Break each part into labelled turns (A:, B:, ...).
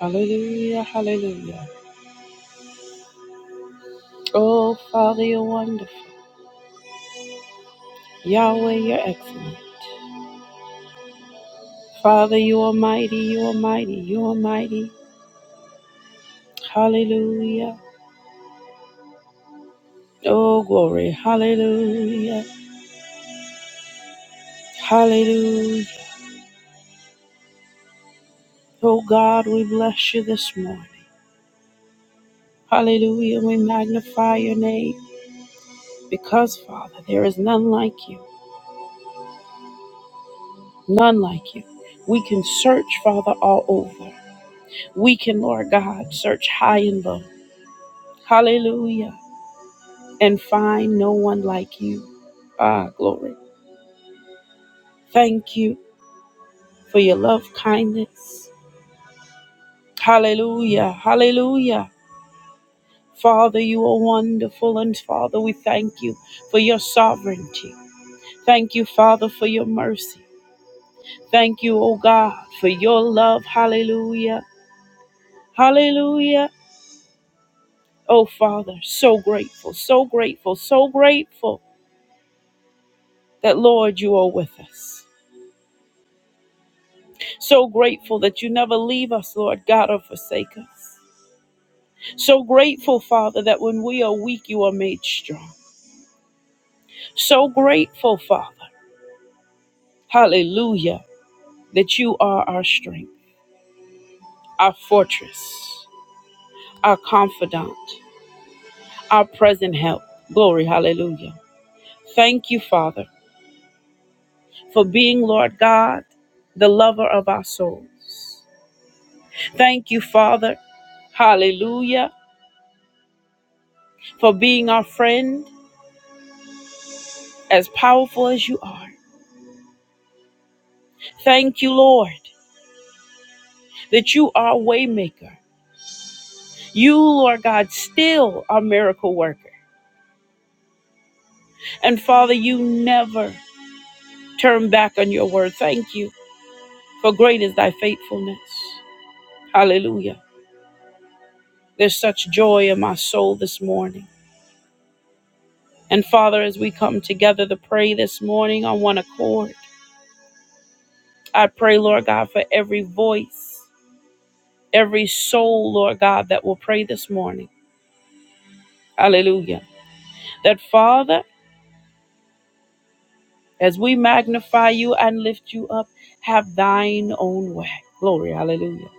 A: Hallelujah, hallelujah. Oh, Father, you're wonderful. Yahweh, you're excellent. Father, you are mighty, you are mighty, you are mighty. Hallelujah. Oh, glory, hallelujah, hallelujah. Oh, God, we bless you this morning. Hallelujah, we magnify your name because, Father, there is none like you, none like you. We can search, Father, all over. We can, Lord God, search high and low. Hallelujah. and find no one like you. Ah, glory. Thank you for your love kindness. Hallelujah. Hallelujah. Father, you are wonderful, and Father, we thank you for your sovereignty. Thank you, Father, for your mercy. Thank you, O God, for your love. Hallelujah. Hallelujah. Oh, Father, so grateful, so grateful, so grateful that, Lord, you are with us. So grateful that you never leave us, Lord God, or forsake us. So grateful, Father, that when we are weak, you are made strong. So grateful, Father, hallelujah, that you are our strength, our fortress, our confidant, our present help. Glory, hallelujah. Thank you, Father, for being, Lord God, the lover of our souls. Thank you, Father, hallelujah, for being our friend, as powerful as you are. Thank you, Lord, that you are a waymaker. You, Lord God, still are miracle worker. And Father, you never turn back on your word. Thank you, for great is thy faithfulness. Hallelujah. There's such joy in my soul this morning. And Father, as we come together to pray this morning on one accord, I pray, Lord God, for every voice, every soul, Lord God, that will pray this morning. Hallelujah. That Father, As we magnify you and lift you up, have thine own way. Glory, hallelujah.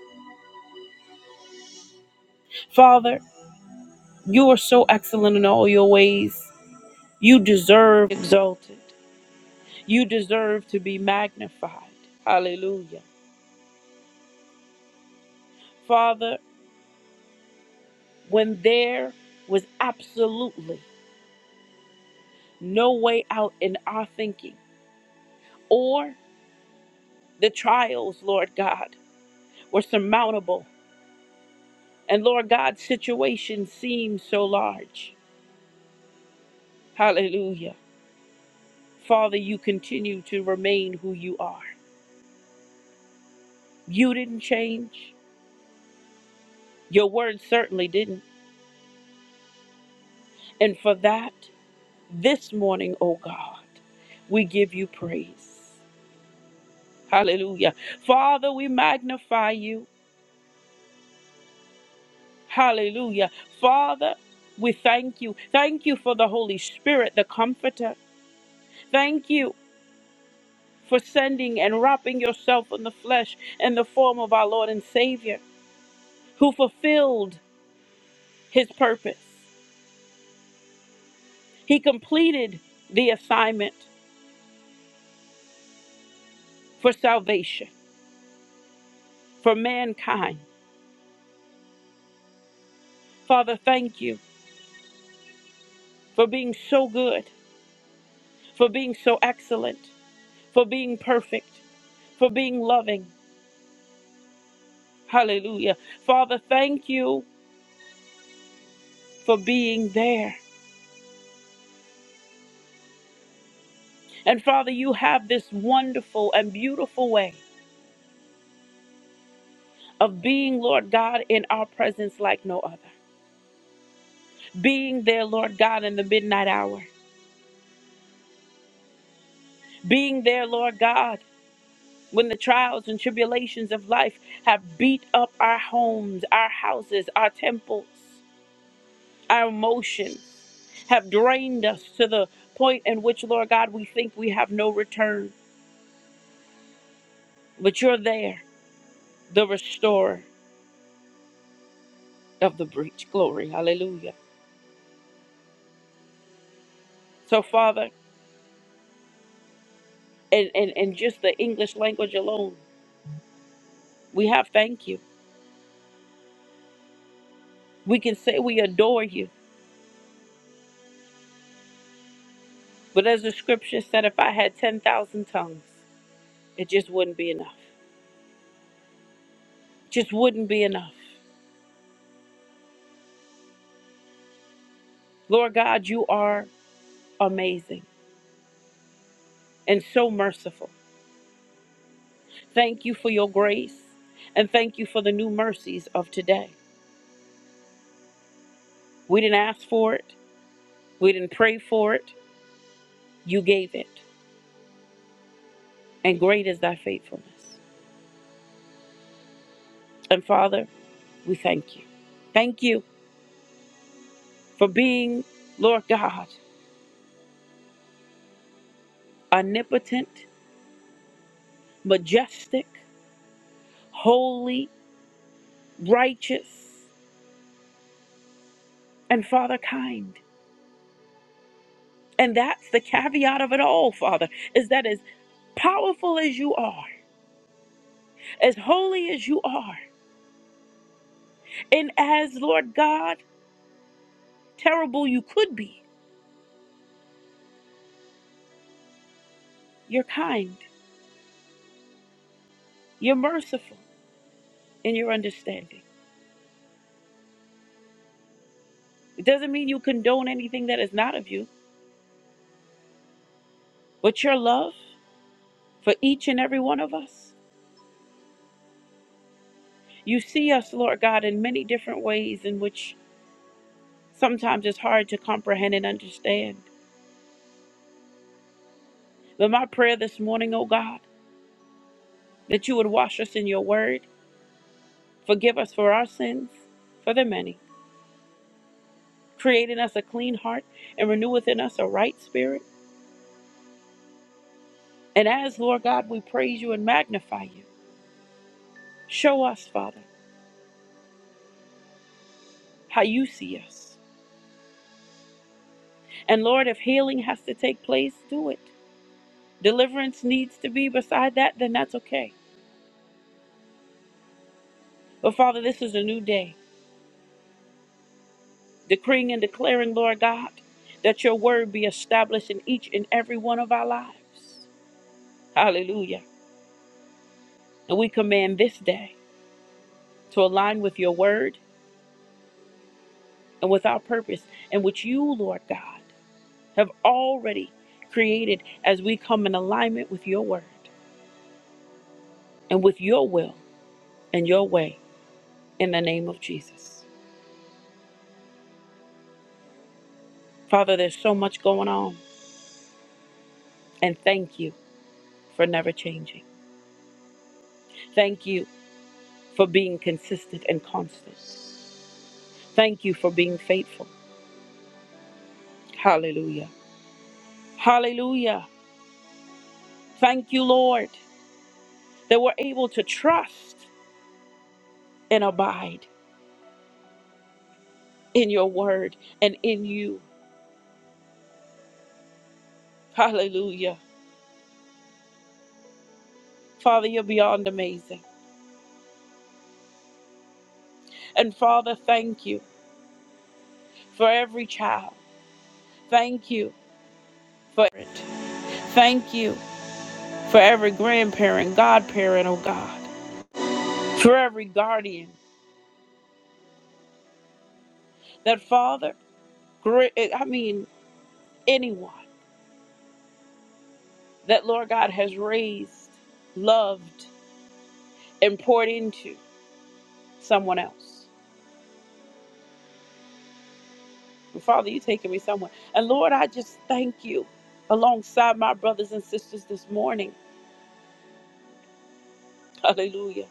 A: Father, you are so excellent in all your ways. You deserve exalted. You deserve to be magnified. Hallelujah. Father, when there was absolutely no way out in our thinking or the trials, Lord God, were surmountable. And Lord God, situations seemed so large. Hallelujah Father, you continue to remain who you are. You didn't change. Your word certainly didn't. And for that, this morning, oh God, we give you praise. Hallelujah. Father, we magnify you. Hallelujah. Father, we thank you. Thank you for the Holy Spirit, the Comforter. Thank you for sending and wrapping yourself in the flesh in the form of our Lord and Savior, who fulfilled his purpose. He completed the assignment for salvation, for mankind. Father, thank you for being so good, for being so excellent, for being perfect, for being loving. Hallelujah. Father, thank you for being there. And Father, you have this wonderful and beautiful way of being, Lord God, in our presence like no other. Being there, Lord God, in the midnight hour. Being there, Lord God when the trials and tribulations of life have beat up our homes, our houses, our temples, our emotions, have drained us to the point in which, Lord God, we think we have no return. But you're there, the restorer of the breach. Glory. Hallelujah. So, Father, and, and, and just the English language alone, we have thank you. We can say we adore you. But as the scripture said, if I had 10,000 tongues, it just wouldn't be enough. Just wouldn't be enough. Lord God, you are amazing and so merciful. Thank you for your grace and thank you for the new mercies of today. We didn't ask for it, we didn't pray for it. You gave it, and great is thy faithfulness. And Father, we thank you. Thank you for being, Lord God, omnipotent, majestic, holy, righteous, and Father, kind. And that's the caveat of it all, Father, is that as powerful as you are, as holy as you are, and as, Lord God, terrible you could be, you're kind, you're merciful, and you're understanding. It doesn't mean you condone anything that is not of you, but your love for each and every one of us. You see us, Lord God, in many different ways in which sometimes it's hard to comprehend and understand. But my prayer this morning, O God, that you would wash us in your word, forgive us for our sins, for the many Create in us a clean heart and renew within us a right spirit. And as, Lord God, we praise you and magnify you, show us, Father, how you see us. And Lord, if healing has to take place, do it. Deliverance needs to be beside that, then that's okay. But Father, this is a new day, decreeing and declaring, Lord God, that your word be established in each and every one of our lives. Hallelujah. And we command this day to align with your word and with our purpose and with you, Lord God. have already created as we come in alignment with your word and with your will and your way in the name of Jesus. Father, there's so much going on, and thank you for never changing. Thank you for being consistent and constant. Thank you for being faithful. Hallelujah. Hallelujah. Thank you, Lord, that we're able to trust and abide in your word and in you. Hallelujah. Father, you're beyond amazing. And Father, thank you for every child. Thank you for it. Thank you for every grandparent, godparent, oh God, for every guardian that Father, gra- I mean, anyone that Lord God has raised, loved, and poured into someone else. And Father, you are taking me somewhere. And Lord, I just thank you alongside my brothers and sisters this morning. Hallelujah.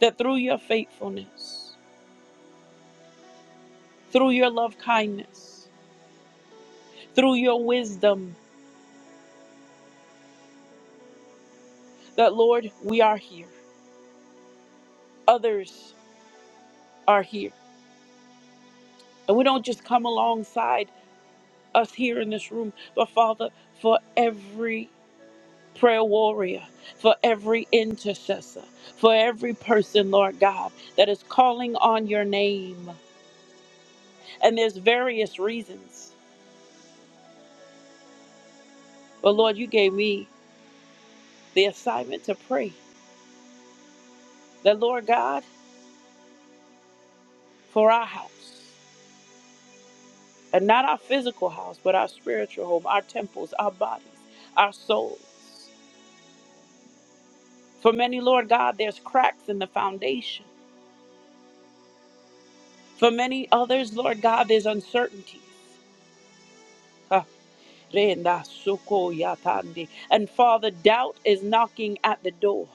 A: That through your faithfulness, through your love kindness. through your wisdom that, Lord, we are here. Others are here. And we don't just come alongside us here in this room, but Father, for every prayer warrior, for every intercessor, for every person, Lord God, that is calling on your name. And there's various reasons. But Lord, you gave me the assignment to pray that, Lord God, for our house. and not our physical house, but our spiritual home, our temples, our bodies, our souls. For many, Lord God, there's cracks in the foundation. For many others, Lord God, there's uncertainties. Ah, renda soko yatande. And Father, doubt is knocking at the door.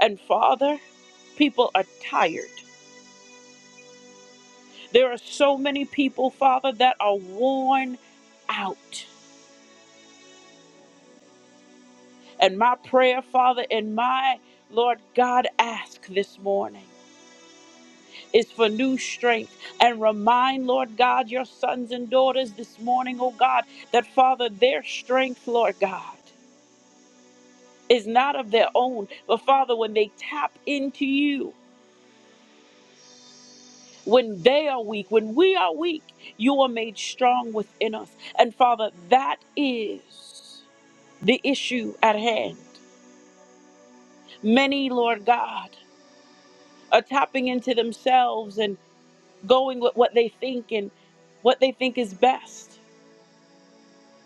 A: And Father, people are tired. There are so many people, Father, that are worn out. And my prayer, Father, and my Lord God, ask this morning. is for new strength. And remind, Lord God, your sons and daughters this morning, oh God, that Father, their strength, Lord God, is not of their own. But Father, when they tap into you, when they are weak, when we are weak, you are made strong within us. And Father, that is the issue at hand. Many, Lord God, are tapping into themselves and going with what they think and what they think is best.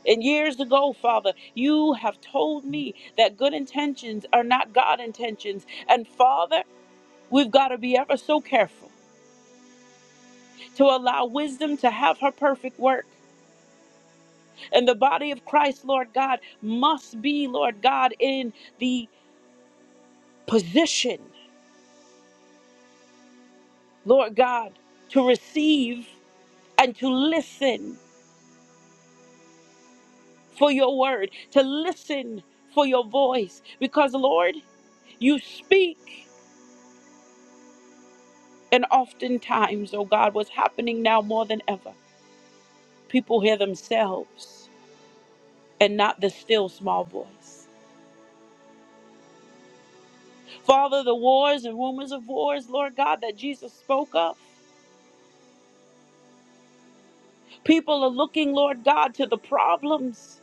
A: And years ago, Father, you have told me that good intentions are not God intentions. And Father, we've got to be ever so careful to allow wisdom to have her perfect work. And the body of Christ, Lord God, must be, Lord God, in the position, Lord God, to receive and to listen for your word, to listen for your voice. Because, Lord, you speak And oftentimes, oh God, what's happening now more than ever, people hear themselves and not the still small voice. Father, the wars and rumors of wars, Lord God, that Jesus spoke of, people are looking, Lord God, to the problems.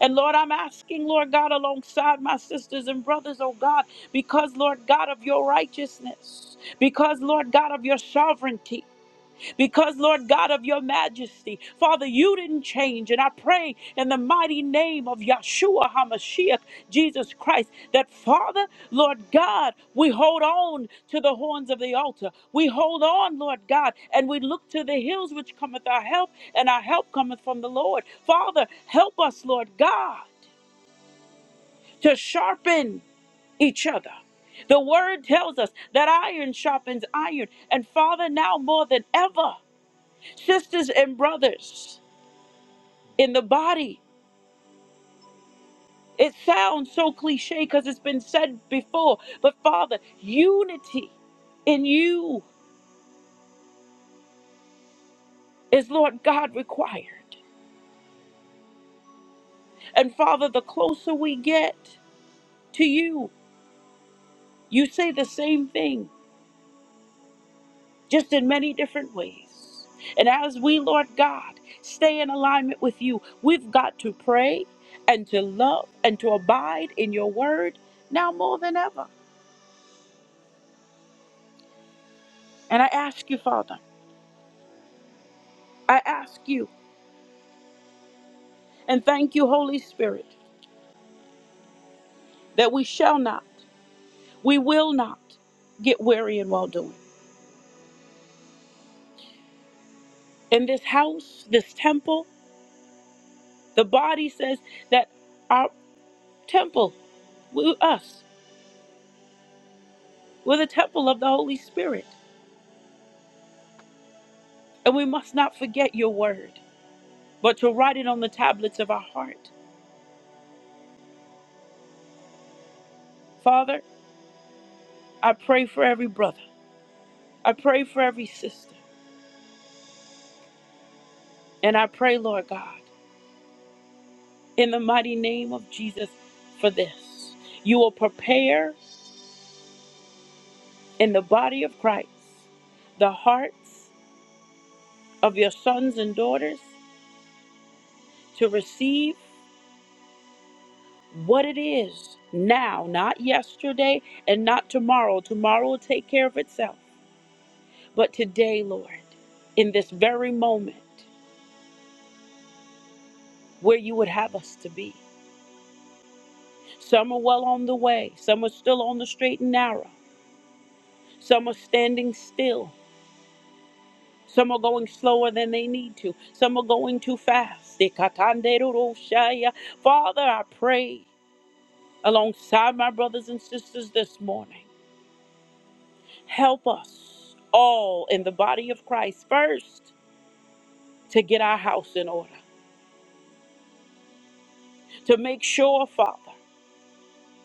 A: And Lord, I'm asking, Lord God, alongside my sisters and brothers, oh God, because, Lord God, of your righteousness, because, Lord God, of your sovereignty. because, Lord God of your majesty, Father, you didn't change. And I pray in the mighty name of Yahshua HaMashiach, Jesus Christ, that Father, Lord God, we hold on to the horns of the altar. We hold on, Lord God, and we look to the hills which cometh our help, and our help cometh from the Lord. Father, help us, Lord God, to sharpen each other. The word tells us that iron sharpens iron. And Father, now more than ever, sisters and brothers in the body. It sounds so cliche because it's been said before, but Father, unity in you is Lord God required. And Father, the closer we get to you, you say the same thing, just in many different ways. And as we, Lord God, stay in alignment with you, we've got to pray and to love and to abide in your word now more than ever. And I ask you, Father. I ask you and thank you, Holy Spirit, that we shall not, we will not get weary in well doing. In this house, this temple, the body says that our temple, we, us, we're the temple of the Holy Spirit. And we must not forget your word, but to write it on the tablets of our heart. Father, I pray for every brother, I pray for every sister, and I pray, Lord God, in the mighty name of Jesus, for this. You will prepare. in the body of Christ, the hearts of your sons and daughters to receive what it is now, not yesterday and not tomorrow. Tomorrow will take care of itself. But today, Lord, in this very moment where you would have us to be, some are well on the way, some are still on the straight and narrow, some are standing still. Some are going slower than they need to. Some are going too fast. Father, I pray. alongside my brothers and sisters this morning. Help us all in the body of Christ first to get our house in order, to make sure, Father,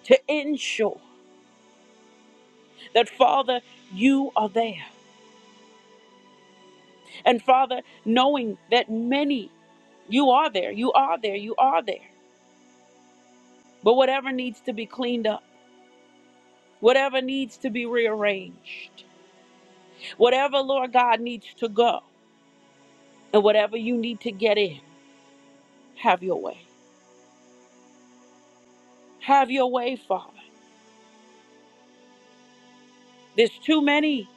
A: to ensure that, Father, you are there. And, Father, knowing that many, you are there, you are there, you are there. But whatever needs to be cleaned up, whatever needs to be rearranged, whatever, Lord God, needs to go, and whatever you need to get in, have your way. Have your way, Father. There's too many.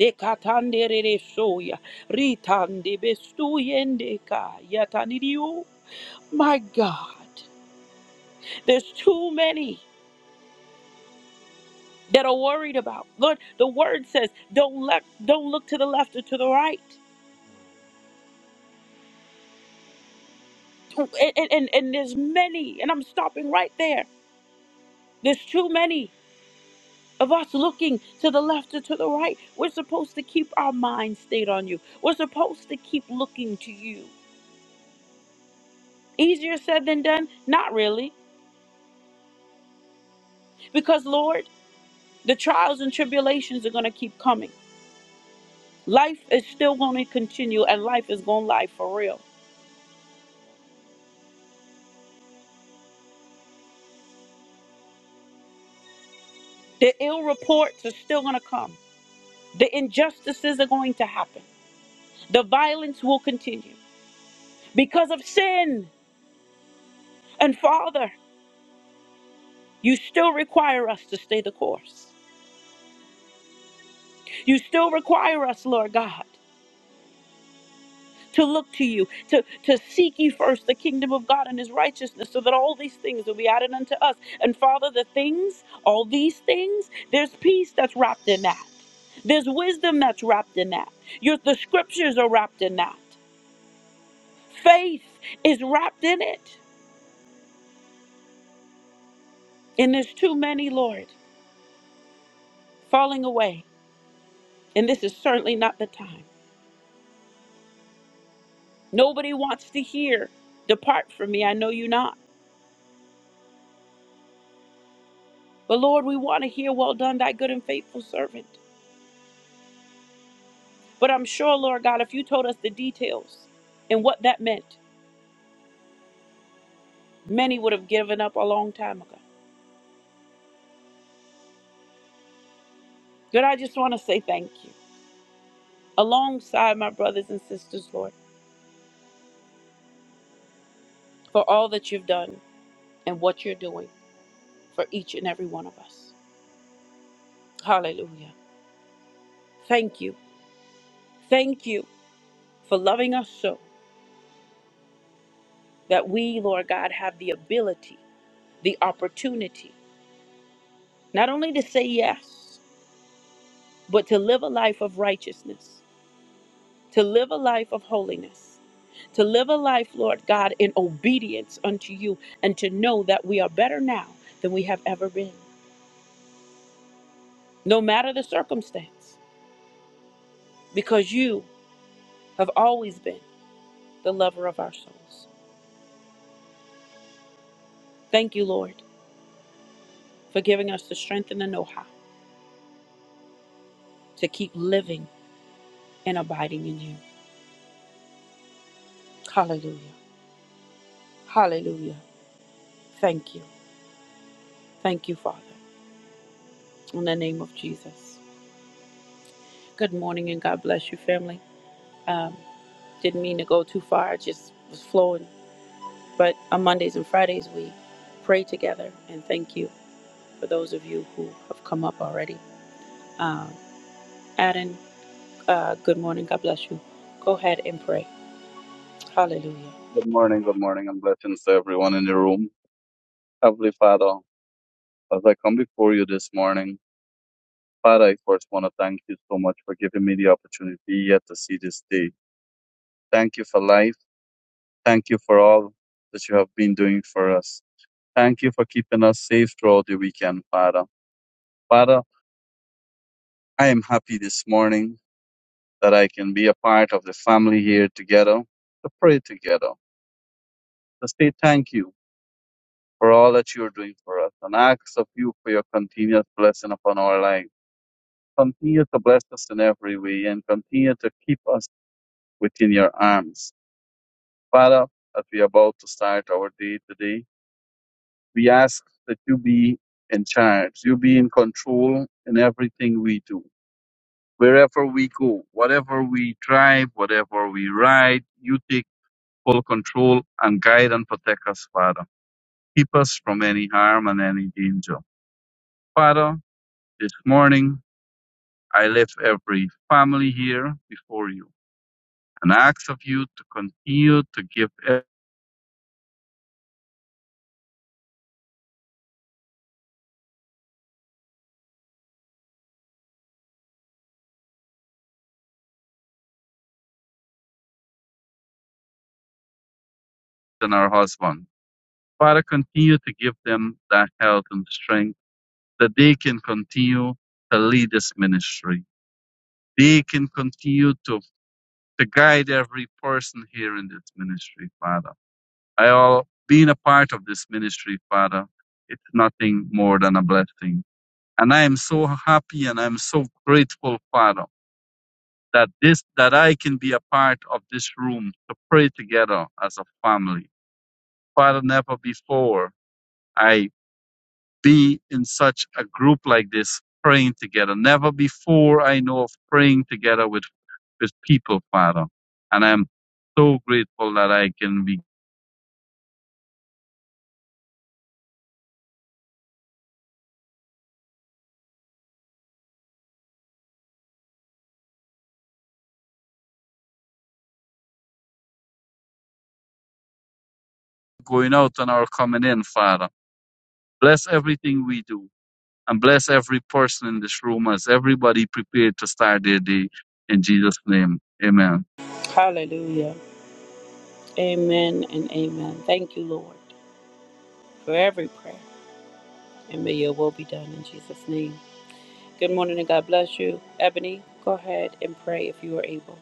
A: Dekatandereresoya, ritandebestuyendeka, yatanidio. My God, there's too many that are worried about. Lord, the word says, don't look, don't look to the left or to the right. And, and, and and there's many, and I'm stopping right there. There's too many of us looking to the left or to the right. We're supposed to keep our mind stayed on you. We're supposed to keep looking to you. Easier said than done? Not really Because, Lord, the trials and tribulations are going to keep coming. Life is still going to continue, and life is going to lie for real. The ill reports are still going to come. The injustices are going to happen. The violence will continue because of sin. And, Father, you still require us to stay the course. You still require us, Lord God. to look to you, to, to seek ye first the kingdom of God and his righteousness, so that all these things will be added unto us. And Father, the things, all these things, there's peace that's wrapped in that. There's wisdom that's wrapped in that. Your the scriptures are wrapped in that. Faith is wrapped in it. And there's too many, Lord, falling away. And this is certainly not the time. Nobody wants to hear, depart from me, I know you not. But Lord, we want to hear, well done, thy good and faithful servant. But I'm sure, Lord God, if you told us the details and what that meant, many would have given up a long time ago. God, I just want to say thank you alongside my brothers and sisters, Lord, for all that you've done and what you're doing for each and every one of us. Hallelujah. Thank you. Thank you for loving us so that we, Lord God, have the ability, the opportunity, not only to say yes, but to live a life of righteousness to live a life of holiness, to live a life, Lord God, in obedience unto you, and to know that we are better now than we have ever been, no matter the circumstance, because you have always been the lover of our souls. Thank you, Lord, for giving us the strength and the know how to keep living and abiding in you. Hallelujah. Hallelujah. Thank you. Thank you, Father. In the name of Jesus. Good morning and God bless you, family. Um, Didn't mean to go too far, it just was flowing. But on Mondays and Fridays, we pray together and thank you for those of you who have come up already. Um, Adam, uh, good morning. God bless you. Go ahead and pray. Hallelujah.
B: Good morning, good morning, and blessings to everyone in the room. Heavenly Father, as I come before you this morning, Father, I first want to thank you so much for giving me the opportunity yet to see this day. Thank you for life. Thank you for all that you have been doing for us. Thank you for keeping us safe throughout the weekend, Father. Father, I am happy this morning that I can be a part of the family here together, to pray together, to say thank you for all that you are doing for us, and ask of you for your continuous blessing upon our lives. Continue to bless us in every way and continue to keep us within your arms. Father, as we are about to start our day today, we ask that you be in charge, you be in control in everything we do. Wherever we go, whatever we drive, whatever we ride, you take full control and guide and protect us, Father. Keep us from any harm and any danger. Father, this morning I lift every family here before you. and ask of you to continue to give Ed and our husband, Father, continue to give them that health and strength that they can continue to lead this ministry. They can continue to, to guide every person here in this ministry, Father. I all being a part of this ministry, Father, it's nothing more than a blessing. And I am so happy and I'm so grateful, Father, that this that I can be a part of this room to pray together as a family Father, never before I be in such a group like this praying together. Never before I know of praying together with, with people, Father. And I'm so grateful that I can be going out and our coming in, Father. Bless everything we do and bless every person in this room as everybody prepared to start their day in Jesus' name. Amen.
A: Hallelujah. Amen and amen. Thank you, Lord, for every prayer. And may your will be done in Jesus' name. Good morning and God bless you. Ebony, go ahead and pray if you are able.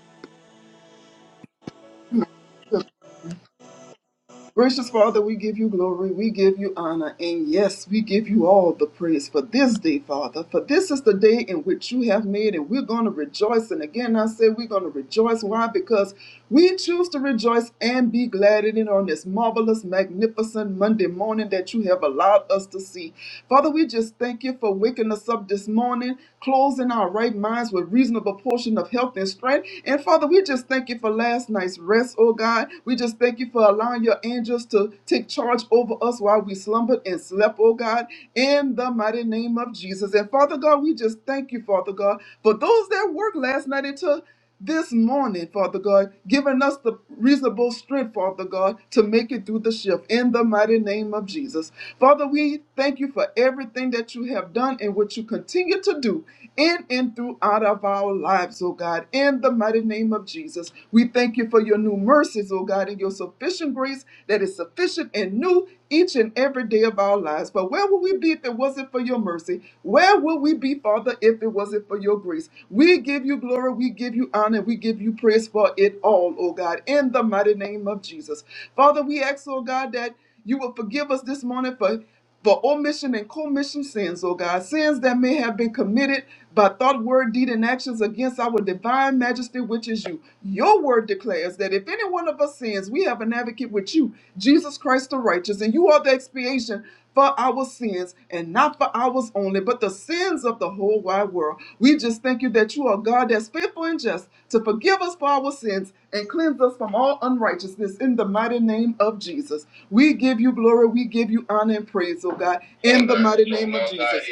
C: Gracious Father, we give you glory, we give you honor, and yes, we give you all the praise for this day, Father. For this is the day in which you have made, and we're going to rejoice. And again, I say we're going to rejoice. Why? Because we choose to rejoice and be glad in it on this marvelous, magnificent Monday morning that you have allowed us to see. Father, we just thank you for waking us up this morning, closing our right minds with reasonable portion of health and strength. And Father, we just thank you for last night's rest rest, oh God. We just thank you for allowing your angels to take charge over us while we slumbered and slept, oh God, in the mighty name of Jesus. And Father God, we just thank you, Father God, for those that worked last night into this morning, Father God, giving us the reasonable strength, Father God, to make it through the shift in the mighty name of Jesus. Father, we thank you for everything that you have done and what you continue to do in and throughout of our lives, oh God, in the mighty mighty name of Jesus. We thank you for your new mercies, oh God, and your sufficient grace that is sufficient and new each and every day of our lives. But where would we be if it wasn't for your mercy? Where would we be, Father, if it wasn't for your grace? We give you glory, we give you honor, we give you praise for it all, oh God, in the mighty name of Jesus. Father, we ask, oh God, that you will forgive us this morning for for omission and commission sins, O God, sins that may have been committed by thought, word, deed, and actions against our divine majesty, which is you. Your word declares that if any one of us sins, we have an advocate with you, Jesus Christ the righteous, and you are the expiation for our sins, and and not for ours only, but the sins of the whole wide world. We just thank you that you are God that's faithful and just to forgive us for our sins and cleanse us from all unrighteousness in the mighty name of Jesus. We give you glory, we give you honor and praise, oh God, in the mighty name of Jesus.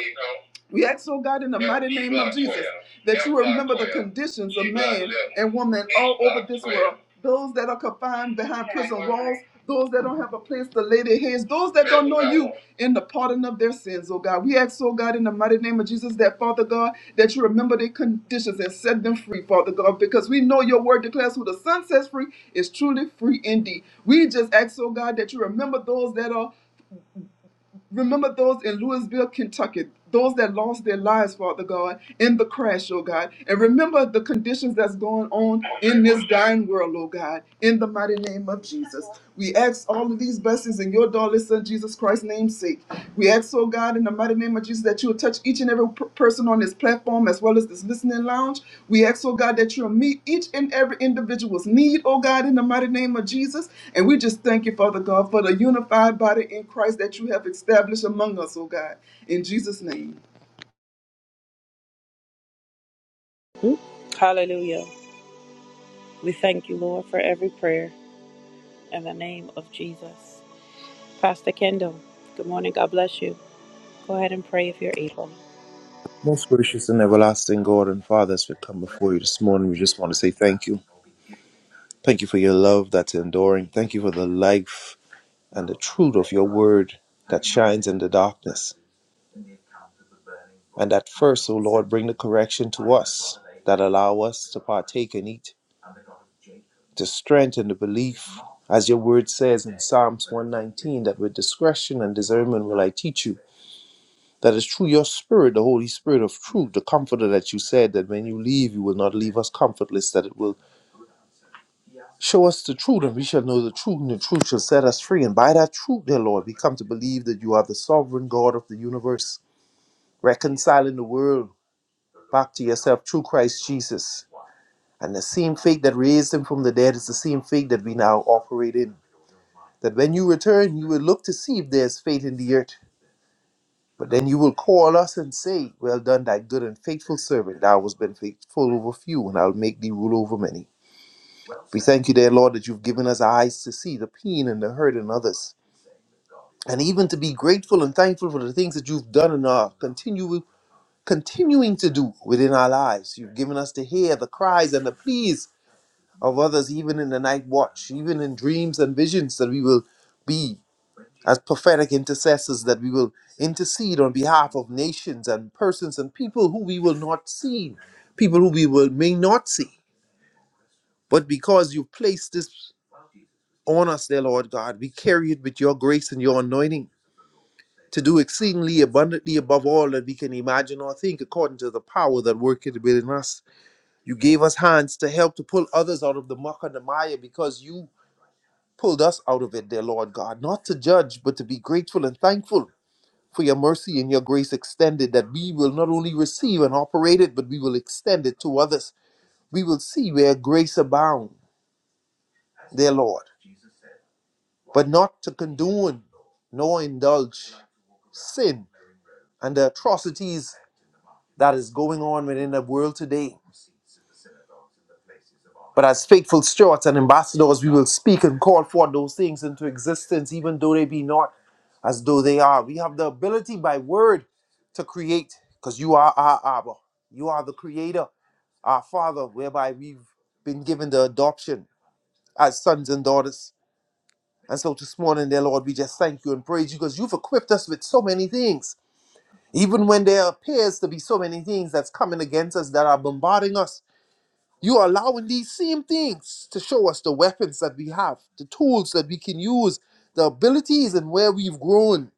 C: We ask, oh God, in the mighty name of Jesus, that you remember the conditions of man and woman all over this world, those that are confined behind prison walls, those that don't have a place to lay their heads, those that don't know you, in the pardon of their sins, oh God. We ask, oh God, in the mighty name of Jesus, that Father God, that you remember their conditions and set them free, Father God, because we know your word declares who the Son sets free is truly free indeed. We just ask, oh God, that you remember those that are Remember those in Louisville, Kentucky, those that lost their lives, Father God, in the crash, oh God. And remember the conditions that's going on in this dying world, oh God, in the mighty name of Jesus. We ask all of these blessings in your darling Son, Jesus Christ's name's sake. We ask, oh God, in the mighty name of Jesus that you will touch each and every per- person on this platform as well as this listening lounge. We ask, oh God, that you'll meet each and every individual's need, oh God, in the mighty name of Jesus. And we just thank you, Father God, for the unified body in Christ that you have established among us, oh God. In Jesus' name.
A: Hmm? Hallelujah. We thank you, Lord, for every prayer. in the name of Jesus. Pastor Kendall, good morning. God bless you. Go ahead and pray if you're able.
D: Most gracious and everlasting God and Father, as we come before you this morning, we just want to say thank you. Thank you for your love that's enduring. Thank you for the life and the truth of your word that shines in the darkness. And that first, O Lord, bring the correction to us that allow us to partake and eat, to strengthen the belief, as your word says in Psalms 119, that with discretion and discernment will I teach you. That is through your spirit, the Holy Spirit of truth, the comforter that you said that when you leave, you will not leave us comfortless, that it will Show us the truth, and we shall know the truth, and the truth shall set us free. And by that truth, dear Lord, we come to believe that you are the sovereign God of the universe, reconciling the world back to yourself through Christ Jesus. And the same faith that raised him from the dead is the same faith that we now operate in. That when you return, you will look to see if there's faith in the earth. But then you will call us and say, Well done, thy good and faithful servant. Thou hast been faithful over few, and I'll make thee rule over many. We thank you, dear Lord, that you've given us eyes to see the pain and the hurt in others and even to be grateful and thankful for the things that you've done and are continue, continuing to do within our lives. You've given us to hear the cries and the pleas of others, even in the night watch, even in dreams and visions, that we will be as prophetic intercessors, that we will intercede on behalf of nations and persons and people who we will not see, people who we will, may not see. But because you've placed this on us, dear Lord God, we carry it with your grace and your anointing. to do exceedingly abundantly above all that we can imagine or think, according to the power that worketh within us. You gave us hands to help to pull others out of the muck and the mire because you pulled us out of it, dear Lord God, not to judge, but to be grateful and thankful for your mercy and your grace extended, that we will not only receive and operate it, but we will extend it to others. We will see where grace abounds, dear Lord, but not to condone nor indulge sin and the atrocities that is going on within the world today. But as faithful stewards and ambassadors, we will speak and call forth those things into existence, even though they be not as though they are. We have the ability by word to create, because you are our Abba. You are the creator, our Father, whereby we've been given the adoption as sons and daughters. And so this morning, dear Lord, we just thank you and praise you because you've equipped us with so many things. Even when there appears to be so many things that's coming against us that are bombarding us, You are allowing these same things to show us the weapons that we have, the tools that we can use, the abilities and where we've grown.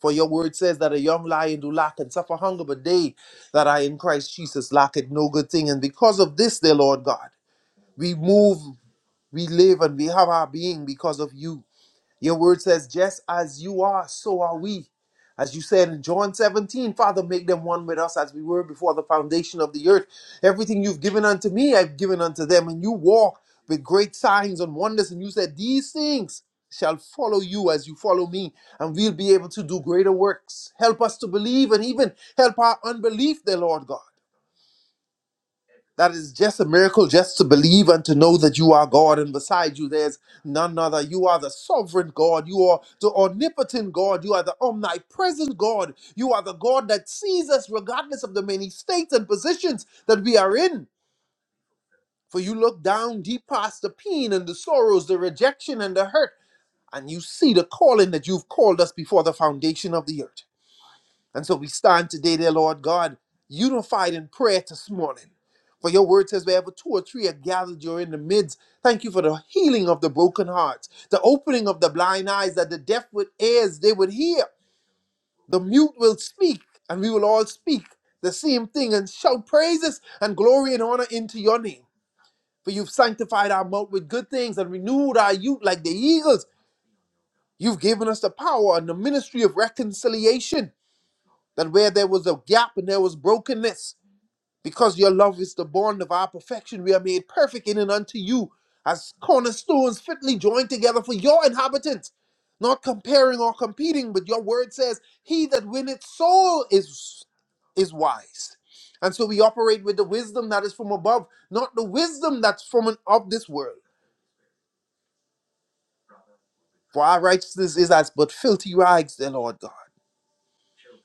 D: For your word says that a young lion do lack and suffer hunger, but they that are in Christ Jesus lack it no good thing. And because of this, dear Lord God, we move, we live, and we have our being because of you. Your word says, just as you are, so are we. As you said in John 17, Father, make them one with us as we were before the foundation of the earth. Everything you've given unto me, I've given unto them. And you walk with great signs and wonders. And you said, These things shall follow you as you follow me, and we'll be able to do greater works. Help us to believe and even help our unbelief, dear Lord God. That is just a miracle just to believe and to know that you are God, and beside you there's none other. You are the sovereign God, you are the omnipotent God, you are the omnipresent God, you are the God that sees us regardless of the many states and positions that we are in. For you look down deep past the pain and the sorrows, the rejection and the hurt, and you see the calling that you've called us before the foundation of the earth. And so we stand today, dear Lord God, unified in prayer this morning. For your word says, wherever two or three are gathered, you're in the midst. Thank you for the healing of the broken hearts, the opening of the blind eyes, that the deaf with ears they would hear. The mute will speak, and we will all speak the same thing and shout praises and glory and honor into your name. For you've sanctified our mouth with good things and renewed our youth like the eagles. You've given us the power and the ministry of reconciliation that where there was a gap and there was brokenness, because your love is the bond of our perfection, we are made perfect in and unto you as cornerstones fitly joined together for your inhabitants, not comparing or competing, but your word says, He that winneth soul is is wise. And so we operate with the wisdom that is from above, not the wisdom that's from an, of this world. For our righteousness is as but filthy rags, dear Lord God.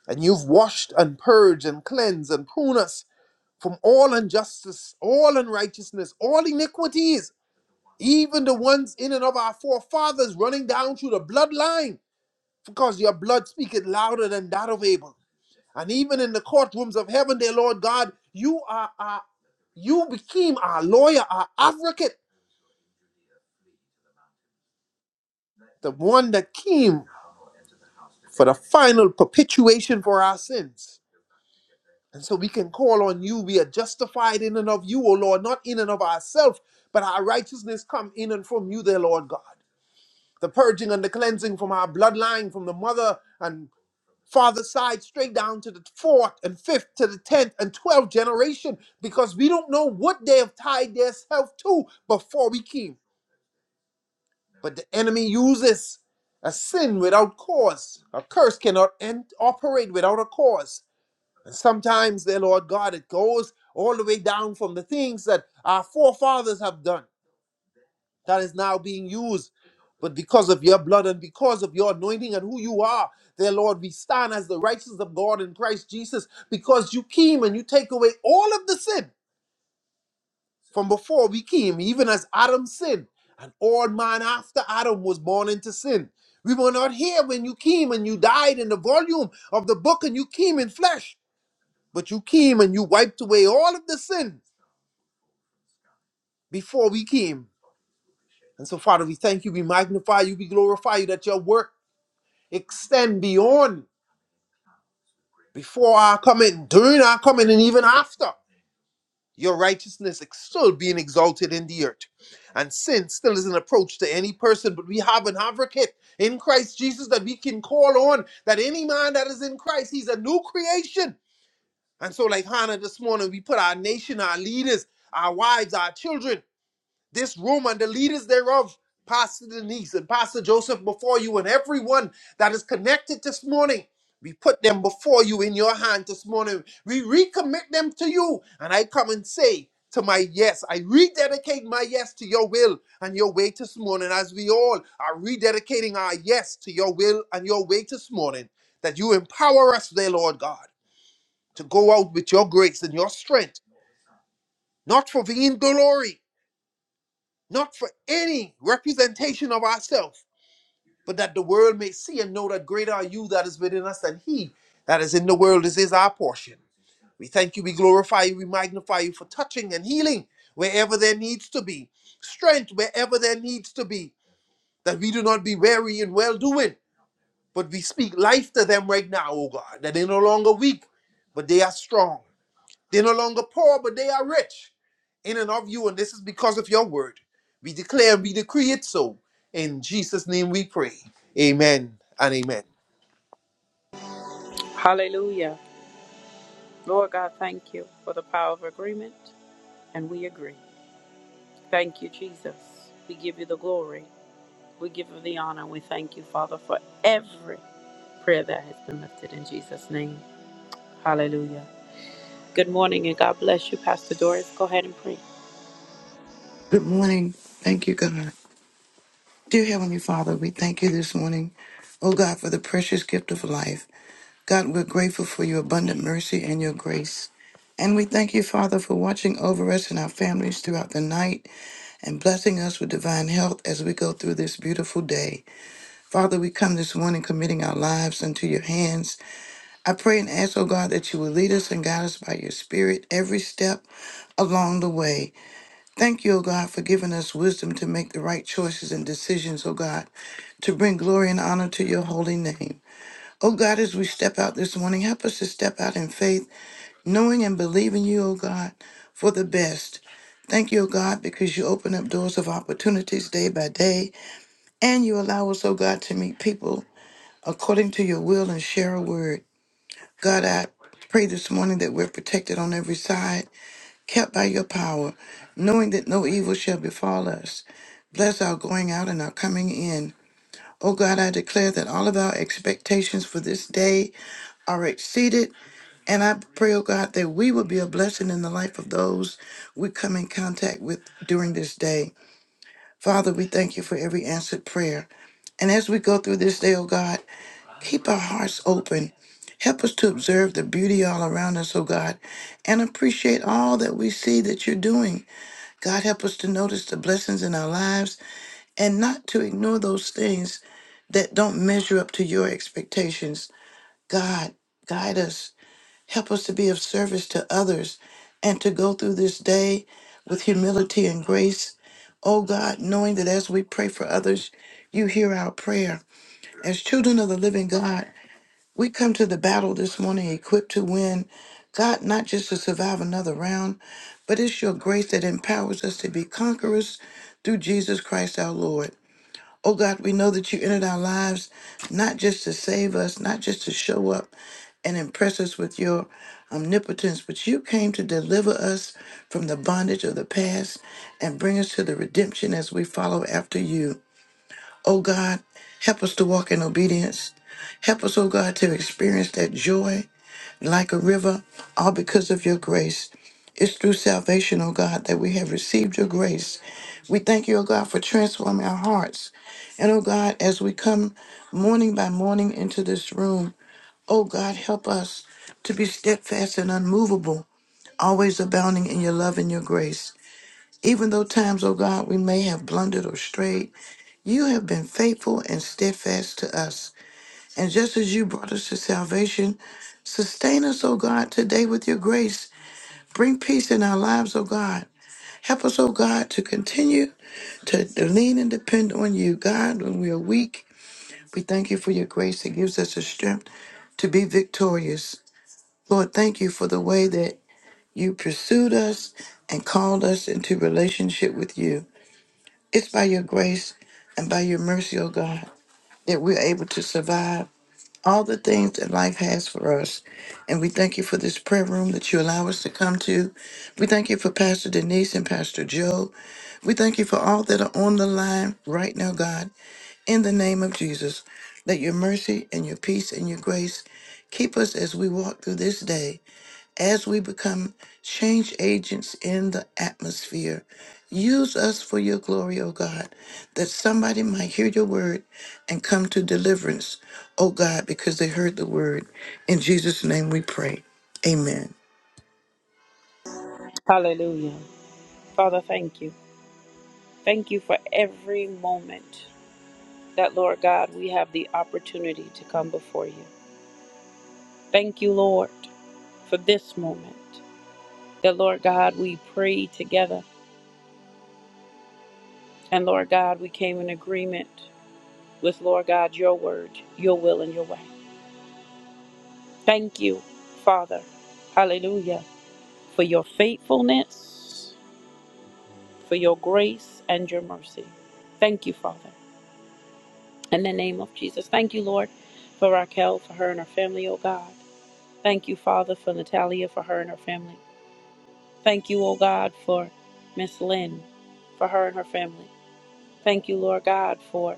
D: And you've washed and purged and cleansed and pruned us from all injustice, all unrighteousness, all iniquities, even the ones in and of our forefathers running down through the bloodline, because your blood speaketh louder than that of Abel. And even in the courtrooms of heaven, dear Lord God, you are our, you became our lawyer, our advocate, the one that came for the final perpetuation for our sins. And so we can call on you. We are justified in and of you, O Lord, not in and of ourselves, but our righteousness come in and from you, dear Lord God. the purging and the cleansing from our bloodline, from the mother and father side, straight down to the fourth and fifth to the tenth and twelfth generation, because we don't know what they have tied themselves to before we came. But the enemy uses a sin without cause. A curse cannot end, operate without a cause. And sometimes, dear Lord God, it goes all the way down from the things that our forefathers have done that is now being used. But because of your blood and because of your anointing and who you are, dear Lord, we stand as the righteousness of God in Christ Jesus because you came and you take away all of the sin from before we came, even as Adam sinned. And all man after Adam was born into sin. We were not here when you came and you died in the volume of the book and you came in flesh, but you came and you wiped away all of the sin before we came. And so, Father, we thank you, we magnify you, we glorify you that your work extend beyond before our coming, during our coming, and even after. Your righteousness is still being exalted in the earth. And sin still is an approach to any person, but we have an advocate in Christ Jesus that we can call on. That any man that is in Christ, he's a new creation. And so, like Hannah this morning, we put our nation, our leaders, our wives, our children. this room and the leaders thereof, Pastor Denise and Pastor Joseph before you, and everyone that is connected this morning. We put them before you in your hand this morning. We recommit them to you. And I come and say to my yes, I rededicate my yes to your will and your way this morning, as we all are rededicating our yes to your will and your way this morning, that you empower us, dear Lord God, to go out with your grace and your strength, not for vain glory, not for any representation of ourselves, but that the world may see and know that greater are you that is within us than he that is in the world. This is our portion. We thank you, we glorify you, we magnify you for touching and healing wherever there needs to be, strength wherever there needs to be, that we do not be weary in well doing, but we speak life to them right now, O God, that they no longer weak, but they are strong. They're no longer poor, but they are rich in and of you. And this is because of your word. We declare, we decree it so. In Jesus' name we pray. Amen and amen.
A: Hallelujah. Lord God, thank you for the power of agreement, and we agree. Thank you, Jesus. We give you the glory. We give you the honor. We thank you, Father, for every prayer that has been lifted in Jesus' name. Hallelujah. Good morning, and God bless you, Pastor Doris. Go ahead and pray.
E: Good morning. Thank you, God. Dear Heavenly Father, we thank you this morning, oh God, for the precious gift of life. God, we're grateful for your abundant mercy and your grace. And we thank you, Father, for watching over us and our families throughout the night and blessing us with divine health as we go through this beautiful day. Father, we come this morning committing our lives into your hands. I pray and ask, oh God, that you will lead us and guide us by your Spirit every step along the way. Thank you, O God, for giving us wisdom to make the right choices and decisions, O God, to bring glory and honor to your holy name. O God, as we step out this morning, help us to step out in faith, knowing and believing you, O God, for the best. Thank you, O God, because you open up doors of opportunities day by day, and you allow us, O God, to meet people according to your will and share a word. God, I pray this morning that we're protected on every side kept by your power, knowing that no evil shall befall us. Bless our going out and our coming in. O God, I declare that all of our expectations for this day are exceeded. And I pray, O God, that we will be a blessing in the life of those we come in contact with during this day. Father, we thank you for every answered prayer. And as we go through this day, O God, keep our hearts open. Help us to observe the beauty all around us, O God, and appreciate all that we see that you're doing. God, help us to notice the blessings in our lives and not to ignore those things that don't measure up to your expectations. God, guide us. Help us to be of service to others and to go through this day with humility and grace. Oh God, knowing that as we pray for others, you hear our prayer. As children of the living God, we come to the battle this morning equipped to win. God, not just to survive another round, but it's your grace that empowers us to be conquerors through Jesus Christ our Lord. Oh God, we know that you entered our lives not just to save us, not just to show up and impress us with your omnipotence, but you came to deliver us from the bondage of the past and bring us to the redemption as we follow after you. Oh God, help us to walk in obedience. Help us, oh God, to experience that joy like a river, all because of your grace. It's through salvation, oh God, that we have received your grace. We thank you, oh God, for transforming our hearts. And oh God, as we come morning by morning into this room, oh God, help us to be steadfast and unmovable, always abounding in your love and your grace. Even though times, oh God, we may have blundered or strayed, you have been faithful and steadfast to us. And just as you brought us to salvation, sustain us, O God, today with your grace. Bring peace in our lives, O God. Help us, O God, to continue to lean and depend on you. God, when we are weak, we thank you for your grace that gives us the strength to be victorious. Lord, thank you for the way that you pursued us and called us into relationship with you. It's by your grace and by your mercy, O God. that we're able to survive all the things that life has for us. And we thank you for this prayer room that you allow us to come to. We thank you for Pastor Denise and Pastor Joe. We thank you for all that are on the line right now, God, in the name of Jesus. Let your mercy and your peace and your grace keep us as we walk through this day, as we become change agents in the atmosphere. Use us for your glory, O God, that somebody might hear your word and come to deliverance, O God, because they heard the word. In Jesus' name we pray. Amen.
A: Hallelujah. Father, thank you. Thank you for every moment. that, Lord God, we have the opportunity to come before you. Thank you, Lord, for this moment. That, Lord God, we prayed together. And, Lord God, we came in agreement with, Lord God, your word, your will, and your way. Thank you, Father. Hallelujah. For your faithfulness, for your grace, and your mercy. Thank you, Father. In the name of Jesus. Thank you, Lord, for Raquel, for her and her family, oh God. Thank you, Father, for Natalia, for her and her family. Thank you, O God, for Miss Lynn, for her and her family. Thank you, Lord God, for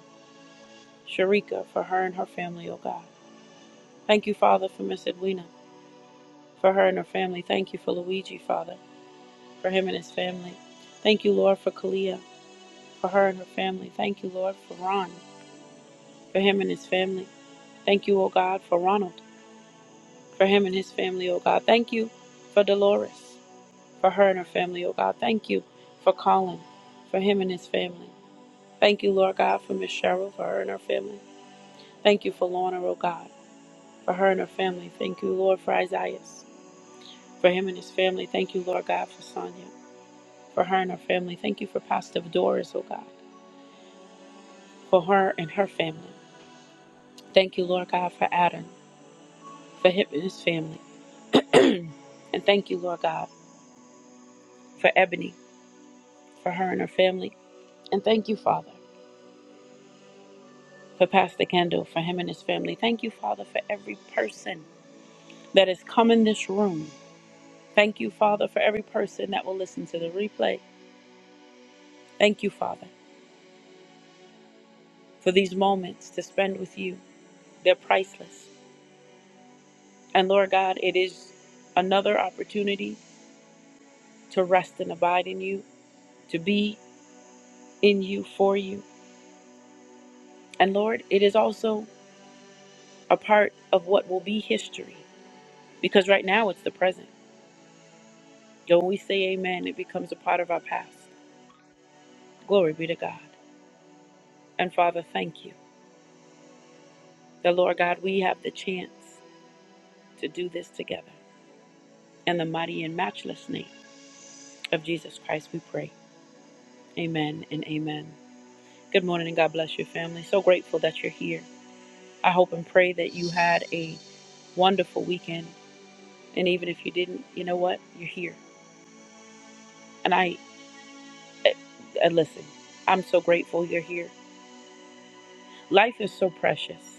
A: Sharika, for her and her family, O God. Thank you, Father, for Miss Edwina, for her and her family. Thank you for Luigi, Father, for him and his family. Thank you, Lord, for Kalia, for her and her family. Thank you, Lord, for Ron, for him and his family. Thank you, O God, for Ronald, for him and his family, O God. Thank you for Dolores, for her and her family, O God. Thank you for Colin, for him and his family. Thank you, Lord God, for Miss Cheryl, for her and her family. Thank you for Lorna, oh God, for her and her family. Thank you, Lord, for Isaiah, for him and his family. Thank you, Lord God, for Sonia, for her and her family. Thank you for Pastor Doris, oh God, for her and her family. Thank you, Lord God, for Adam, for him and his family. And thank you, Lord God, for Ebony, for her and her family. And thank you, Father, for Pastor Kendall, for him and his family. Thank you, Father, for every person that has come in this room. Thank you, Father, for every person that will listen to the replay. Thank you, Father, for these moments to spend with you. They're priceless. And Lord God, it is another opportunity to rest and abide in you, to be in you, for you. And Lord, it is also a part of what will be history because right now it's the present. So when we say amen, it becomes a part of our past. Glory be to God. And Father, thank you that, Lord God, we have the chance to do this together. In the mighty and matchless name of Jesus Christ, we pray. Amen and amen. Good morning and God bless your family. So grateful that you're here. I hope and pray that you had a wonderful weekend. And even if you didn't, you know what? You're here. And I, I, I listen, I'm so grateful you're here. Life is so precious.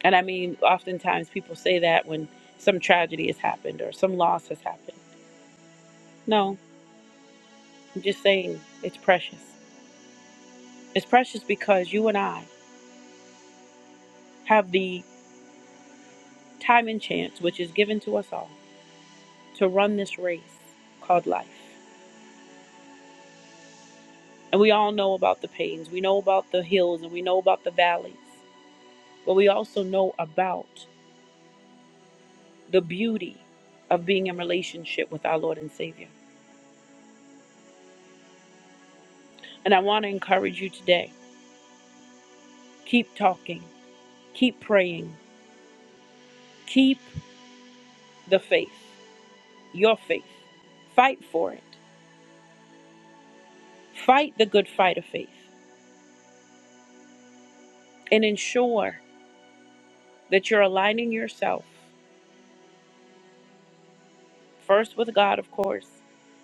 A: And I mean, oftentimes people say that when some tragedy has happened or some loss has happened. No, I'm just saying it's precious. It's precious because you and I have the time and chance, which is given to us all to run this race called life. And we all know about the pains, we know about the hills, and we know about the valleys, but we also know about the beauty of being in relationship with our Lord and Savior. And I want to encourage you today keep talking, keep praying, keep the faith, your faith. Fight for it. Fight the good fight of faith and ensure that you're aligning yourself first with God, of course,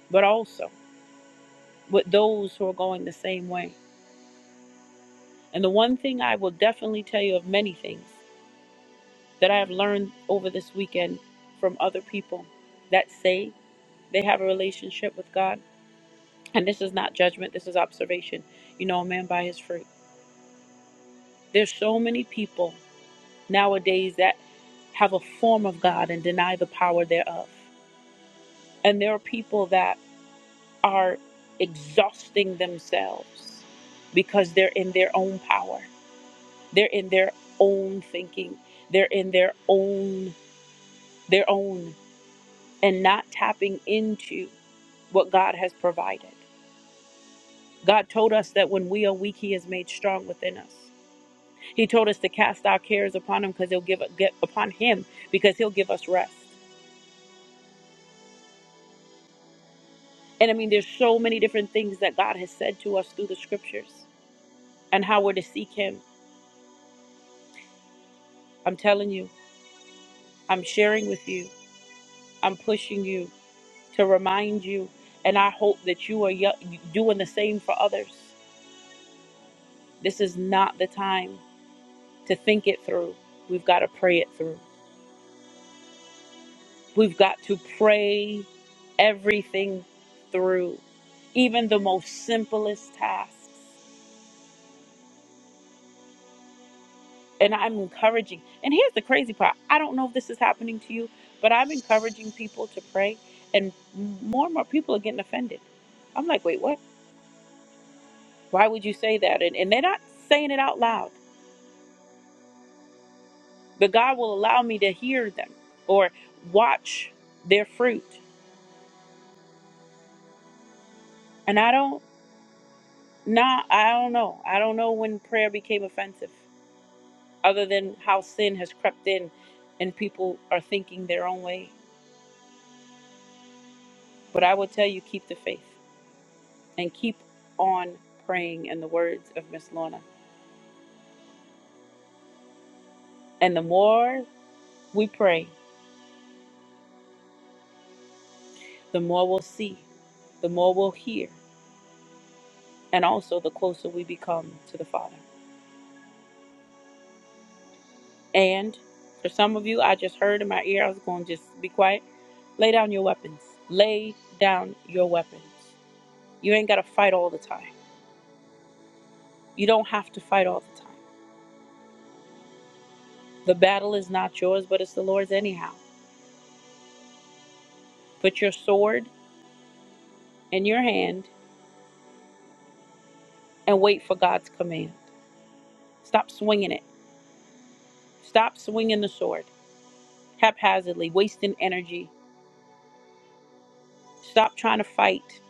A: but also with those who are going the same way. And the one thing I will definitely tell you of many things that I have learned over this weekend from other people that say they have a relationship with God, and this is not judgment, this is observation. You know, a man by his fruit. There's so many people nowadays that have a form of God and deny the power thereof. And there are people that are exhausting themselves because they're in their own power. They're in their own thinking. They're in their own their own and not tapping into what God has provided. God told us that when we are weak, he is made strong within us. He told us to cast our cares upon him because he'll give get upon him because he'll give us rest. And I mean there's so many different things that God has said to us through the scriptures and how we're to seek him. I'm telling you, I'm sharing with you I'm pushing you to remind you, and I hope that you are yo- doing the same for others. This is not the time to think it through. We've got to pray it through. We've got to pray everything through, even the most simplest tasks. And I'm encouraging, and here's the crazy part I don't know if this is happening to you, but I'm encouraging people to pray, and more and more people are getting offended. I'm like, wait, what? Why would you say that? And, and they're not saying it out loud but God will allow me to hear them or watch their fruit. And I don't not I don't know. I don't know when prayer became offensive other than how sin has crept in and people are thinking their own way. But I will tell you keep the faith and keep on praying in the words of Miss Lorna. And the more we pray, the more we'll see, the more we'll hear, and also the closer we become to the Father. And for some of you, I just heard in my ear, I was going to just be quiet. Lay down your weapons. Lay down your weapons. You ain't got to fight all the time. You don't have to fight all the time. The battle is not yours, but it's the Lord's anyhow. Put your sword in your hand and wait for God's command. Stop swinging it. Stop swinging the sword haphazardly, wasting energy. Stop trying to fight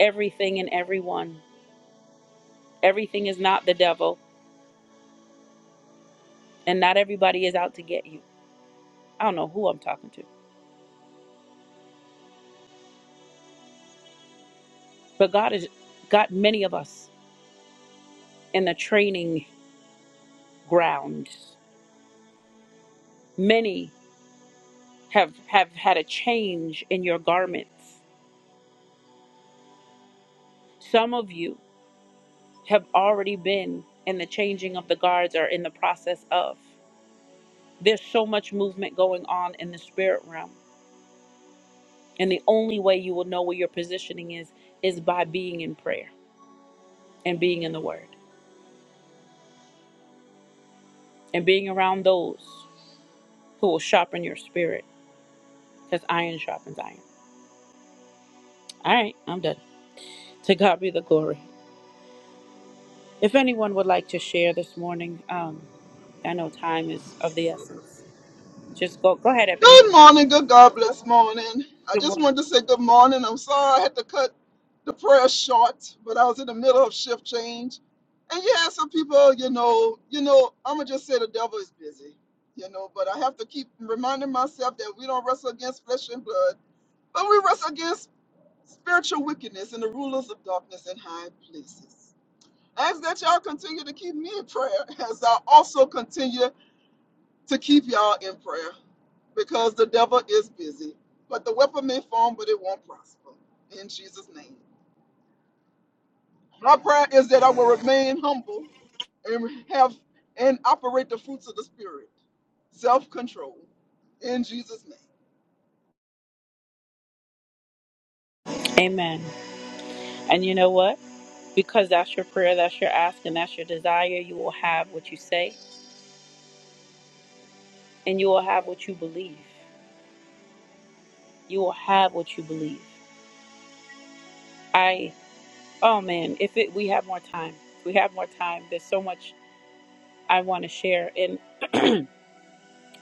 A: everything and everyone. Everything is not the devil, and not everybody is out to get you. I don't know who I'm talking to, but God has got many of us in the training ground. Many have have had a change in your garments. Some of you have already been in the changing of the guards or in the process of. There's so much movement going on in the spirit realm. And the only way you will know where your positioning is is by being in prayer and being in the word and being around those who will sharpen your spirit because iron sharpens iron. All right, I'm done. To God be the glory. If anyone would like to share this morning, um, I know time is of the essence. Just go, go ahead, Ebony.
C: Good morning, good God bless morning. I
A: Good
C: just
A: morning.
C: wanted to say good morning. I'm sorry I had to cut the prayer short, but I was in the middle of shift change. And yeah, some people, you know, you know, I'ma just say the devil is busy, you know, but I have to keep reminding myself that we don't wrestle against flesh and blood, but we wrestle against spiritual wickedness and the rulers of darkness in high places. I ask that y'all continue to keep me in prayer as I also continue to keep y'all in prayer because the devil is busy. But the weapon may form, but it won't prosper. In Jesus' name. My prayer is that I will remain humble and have and operate the fruits of the Spirit, self control. In Jesus' name.
A: Amen. And you know what? Because that's your prayer, that's your ask, and that's your desire, you will have what you say, and you will have what you believe. You will have what you believe. I, oh man, if it, we have more time, we have more time. There's so much I want to share, and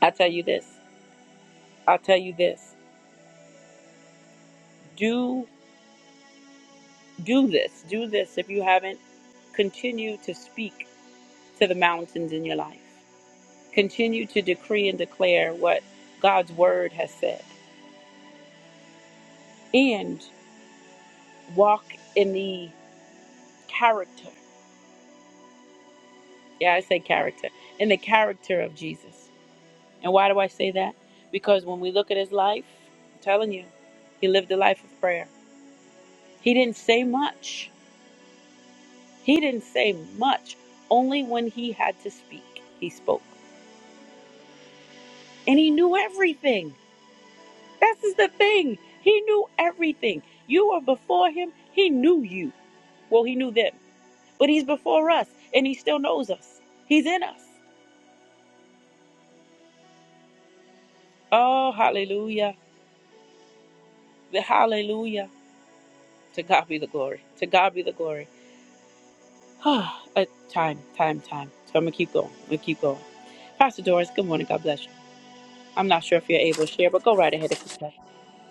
A: I tell you this. I'll tell you this. Do. Do this, do this if you haven't. Continue to speak to the mountains in your life. Continue to decree and declare what God's word has said. And walk in the character. Yeah, I say character. In the character of Jesus. And why do I say that? Because when we look at his life, I'm telling you, he lived a life of prayer. He didn't say much. He didn't say much. Only when he had to speak, he spoke. And he knew everything. This is the thing. He knew everything. You were before him. He knew you. Well, he knew them. But he's before us and he still knows us. He's in us. Oh, hallelujah. The hallelujah. To God be the glory. To God be the glory. Ah, uh, time, time, time. So I'm going to keep going. I'm going to keep going. Pastor Doris, good morning. God bless you. I'm not sure if you're able to share, but go right ahead if you can.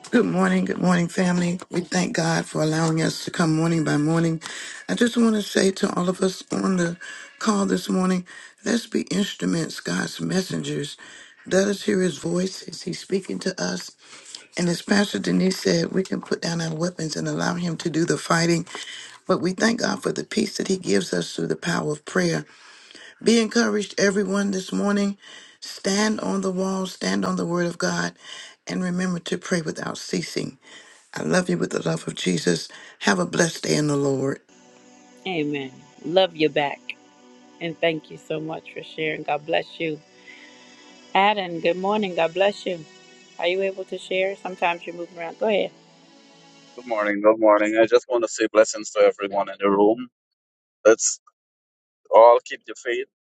E: Good morning, good morning, family. We thank God for allowing us to come morning by morning. I just want to say to all of us on the call this morning let's be instruments, God's messengers. Let us hear his voice. Is he speaking to us? And as Pastor Denise said, we can put down our weapons and allow him to do the fighting. But we thank God for the peace that he gives us through the power of prayer. Be encouraged, everyone, this morning. Stand on the wall, stand on the word of God, and remember to pray without ceasing. I love you with the love of Jesus. Have a blessed day in the Lord.
A: Amen. Love you back. And thank you so much for sharing. God bless you. Adam, good morning. God bless you. Are you able to share? Sometimes you're moving around. Go ahead.
B: Good morning. Good morning. I just want to say blessings to everyone in the room. Let's all keep the faith.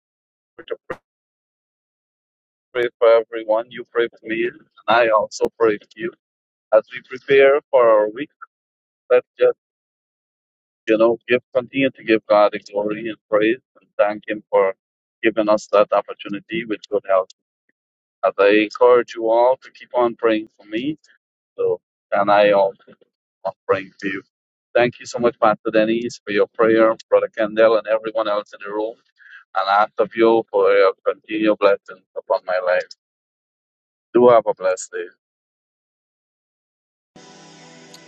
B: pray for everyone. You pray for me, and I also pray for you. As we prepare for our week, let's just, you know, give continue to give God the glory and praise and thank Him for giving us that opportunity with good health. As I encourage you all to keep on praying for me, so and I also am praying for you. Thank you so much, Pastor Denise, for your prayer, Brother Kendall, and everyone else in the room and I ask of you for your continual blessings upon my life. Do have a blessed day.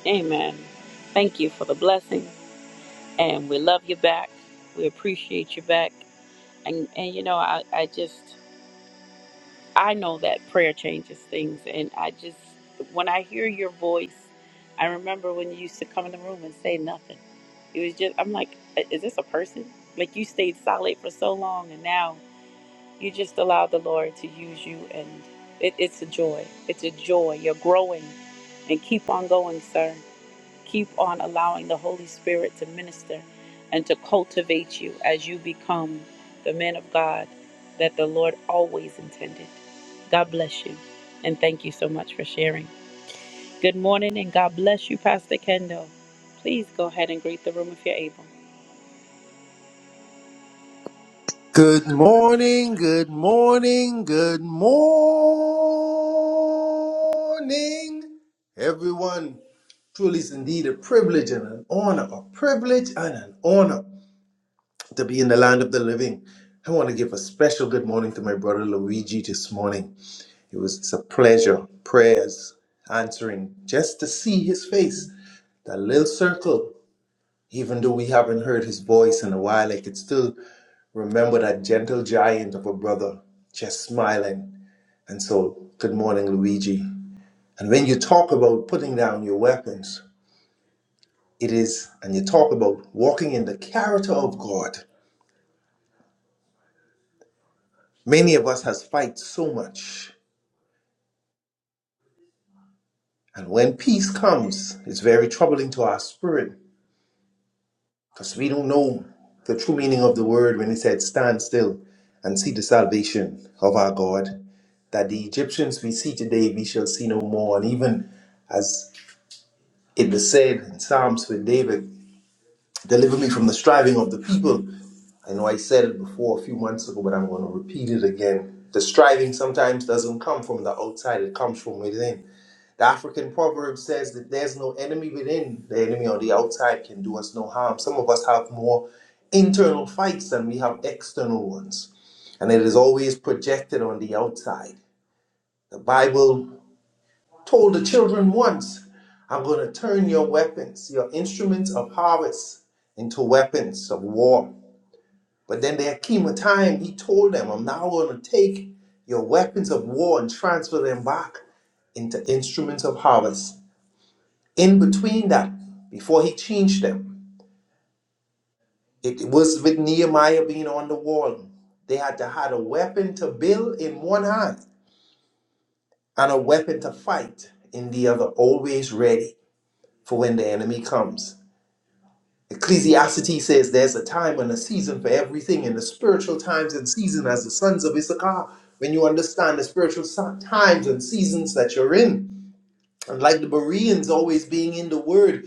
A: Amen. Thank you for the blessing. And we love you back. We appreciate you back. And and you know, I, I just I know that prayer changes things and I just when I hear your voice, I remember when you used to come in the room and say nothing. It was just I'm like, is this a person? Like you stayed solid for so long and now You just allow the Lord to use you, and it, it's a joy. It's a joy. You're growing, and keep on going, sir. Keep on allowing the Holy Spirit to minister and to cultivate you as you become the man of God that the Lord always intended. God bless you, and thank you so much for sharing. Good morning, and God bless you, Pastor Kendall. Please go ahead and greet the room if you're able.
D: Good morning, good morning, good morning, everyone. Truly is indeed a privilege and an honor, a privilege and an honor to be in the land of the living. I want to give a special good morning to my brother Luigi this morning. It was it's a pleasure, prayers, answering, just to see his face. That little circle. Even though we haven't heard his voice in a while, I could still remember that gentle giant of a brother just smiling. And so, good morning, Luigi. And when you talk about putting down your weapons, it is, and you talk about walking in the character of God. Many of us has fight so much. And when peace comes, it's very troubling to our spirit Because we don't know the true meaning of the word when it said, Stand still and see the salvation of our God. That the Egyptians we see today, we shall see no more. And even as it was said in Psalms with David, Deliver me from the striving of the people. I know I said it before a few months ago, but I'm going to repeat it again. The striving sometimes doesn't come from the outside, it comes from within. The African proverb says that there's no enemy within, the enemy on the outside can do us no harm. Some of us have more internal fights than we have external ones, and it is always projected on the outside. The Bible told the children once, I'm going to turn your weapons, your instruments of harvest, into weapons of war. But then there came a time he told them, I'm now going to take your weapons of war and transfer them back into instruments of harvest In between that, before he changed them, it was with Nehemiah being on the wall. They had to had a weapon to build in one hand and a weapon to fight in the other, always ready for when the enemy comes. Ecclesiastes says there's a time and a season for everything in the spiritual times and season as the sons of Issachar. When you understand the spiritual si- times and seasons that you're in, and like the Bereans always being in the word,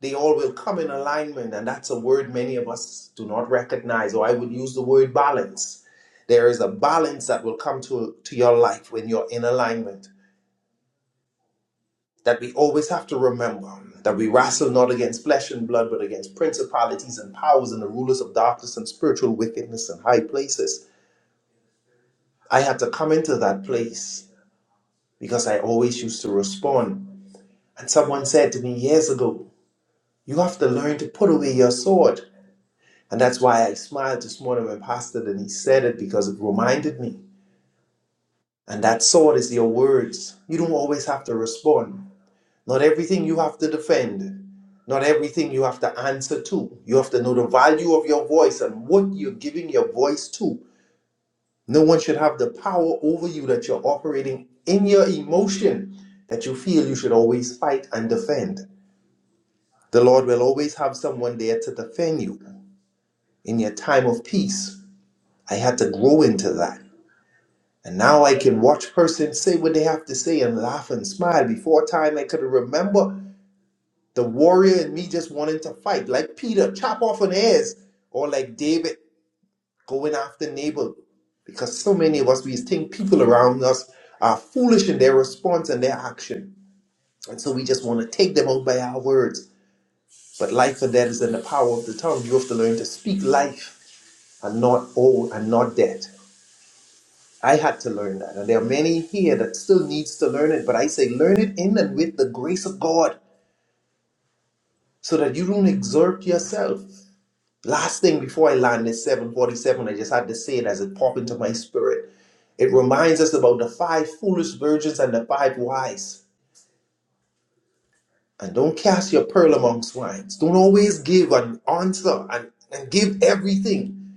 D: they all will come in alignment. And that's a word many of us do not recognize, or I would use the word balance. There is a balance that will come to, to your life when you're in alignment that we always have to remember that we wrestle not against flesh and blood, but against principalities and powers and the rulers of darkness and spiritual wickedness in high places. I had to come into that place because I always used to respond. And someone said to me years ago, You have to learn to put away your sword. And that's why I smiled this morning when Pastor Denise said it because it reminded me. And that sword is your words. You don't always have to respond. Not everything you have to defend. Not everything you have to answer to. You have to know the value of your voice and what you're giving your voice to. No one should have the power over you that you're operating in your emotion that you feel you should always fight and defend. The Lord will always have someone there to defend you in your time of peace. I had to grow into that. And now I can watch persons say what they have to say and laugh and smile. Before time, I could remember the warrior in me just wanting to fight, like Peter, chop off an ears, or like David going after Nabal. Because so many of us, we think people around us are foolish in their response and their action. And so we just want to take them out by our words. But life and death is in the power of the tongue. You have to learn to speak life and not all and not death. I had to learn that. And there are many here that still needs to learn it. But I say learn it in and with the grace of God so that you don't exert yourself. Last thing before I land this 747, I just had to say it as it popped into my spirit. It reminds us about the five foolish virgins and the five wise. And don't cast your pearl among swines. Don't always give an answer and, and give everything.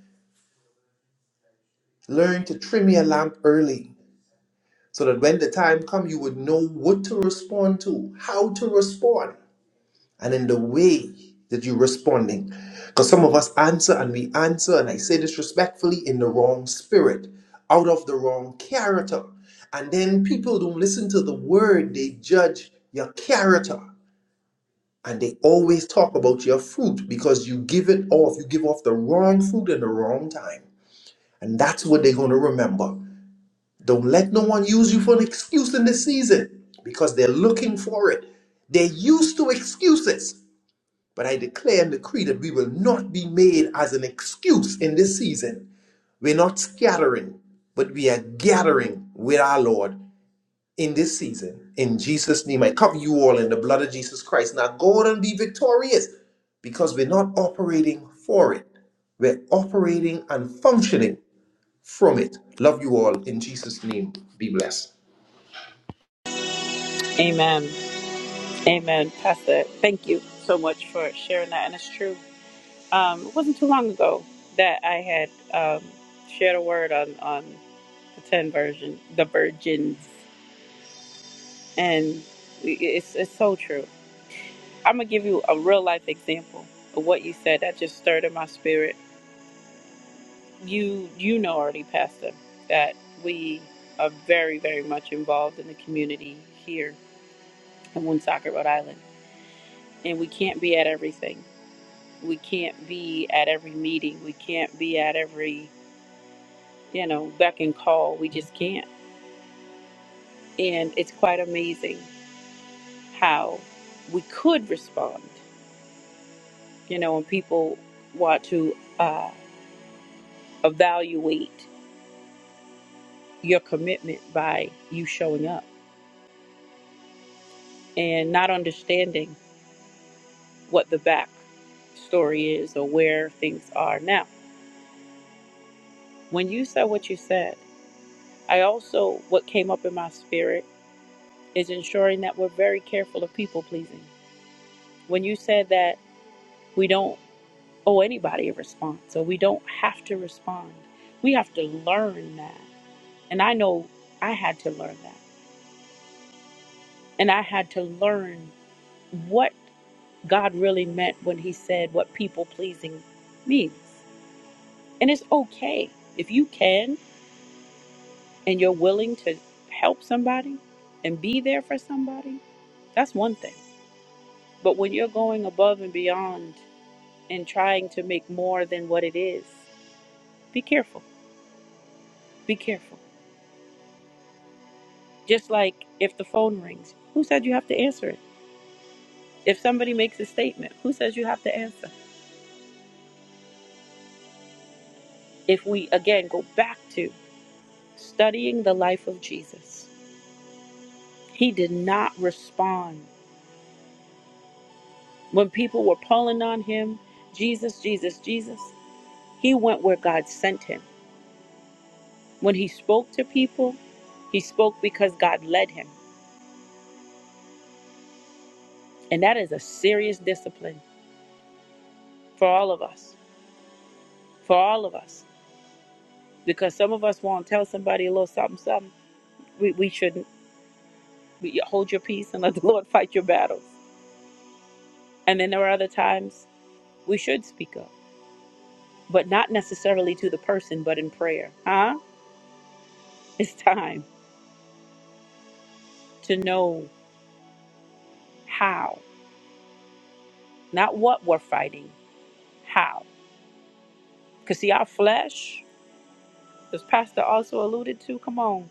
D: Learn to trim your lamp early so that when the time comes, you would know what to respond to, how to respond. and in the way that you're responding. Because some of us answer and we answer, and I say this respectfully, in the wrong spirit, out of the wrong character. And then people don't listen to the word, they judge your character. And they always talk about your fruit because you give it off. You give off the wrong fruit in the wrong time. And that's what they're going to remember. Don't let no one use you for an excuse in this season because they're looking for it. They're used to excuses. But I declare and decree that we will not be made as an excuse in this season. We're not scattering, but we are gathering with our Lord in this season. In Jesus' name, I cover you all in the blood of Jesus Christ. Now go on and be victorious because we're not operating for it, we're operating and functioning from it. Love you all. In Jesus' name, be blessed.
A: Amen. Amen. Pastor, thank you so much for sharing that. And it's true. um, it wasn't too long ago that I had um, shared a word on, on the 10 version, the virgins. And we- it's, it's so true. I'm going to give you a real life example of what you said that just stirred in my spirit. You, you know already, Pastor, that we are very, very much involved in the community here in Woonsocket, Rhode Island. And we can't be at everything. We can't be at every meeting. We can't be at every you know, beck and call. We just can't. And it's quite amazing how we could respond, you know, and people want to uh, evaluate your commitment by you showing up and not understanding what the back story is or where things are. Now, when you said what you said, I also, what came up in my spirit is ensuring that we're very careful of people pleasing. When you said that we don't owe anybody a response. So we don't have to respond. We have to learn that. And I know I had to learn that. And I had to learn what God really meant when He said what people pleasing means. And it's okay. If you can and you're willing to help somebody and be there for somebody, that's one thing. But when you're going above and beyond and trying to make more than what it is, be careful. Be careful. Just like if the phone rings, who said you have to answer it? If somebody makes a statement, who says you have to answer? If we again go back to studying the life of Jesus, he did not respond. When people were pulling on him, Jesus, Jesus, Jesus, he went where God sent him. When he spoke to people, he spoke because God led him. And that is a serious discipline for all of us, for all of us, because some of us won't tell somebody a little something, something we, we shouldn't. We- Hold your peace and let the Lord fight your battles. And then there are other times we should speak up, but not necessarily to the person, but in prayer. Huh? It's time to know how, not what we're fighting, how. Because see, our flesh, as Pastor also alluded to, come on,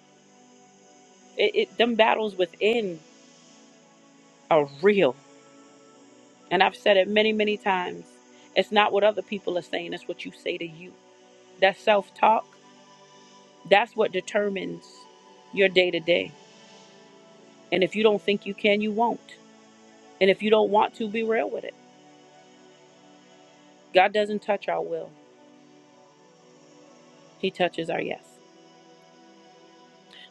A: it, it them battles within are real. And I've said it many, many times. It's not what other people are saying, it's what you say to you. That self talk, that's what determines your day to day. And if you don't think you can, you won't. And if you don't want to, be real with it. God doesn't touch our will, He touches our yes.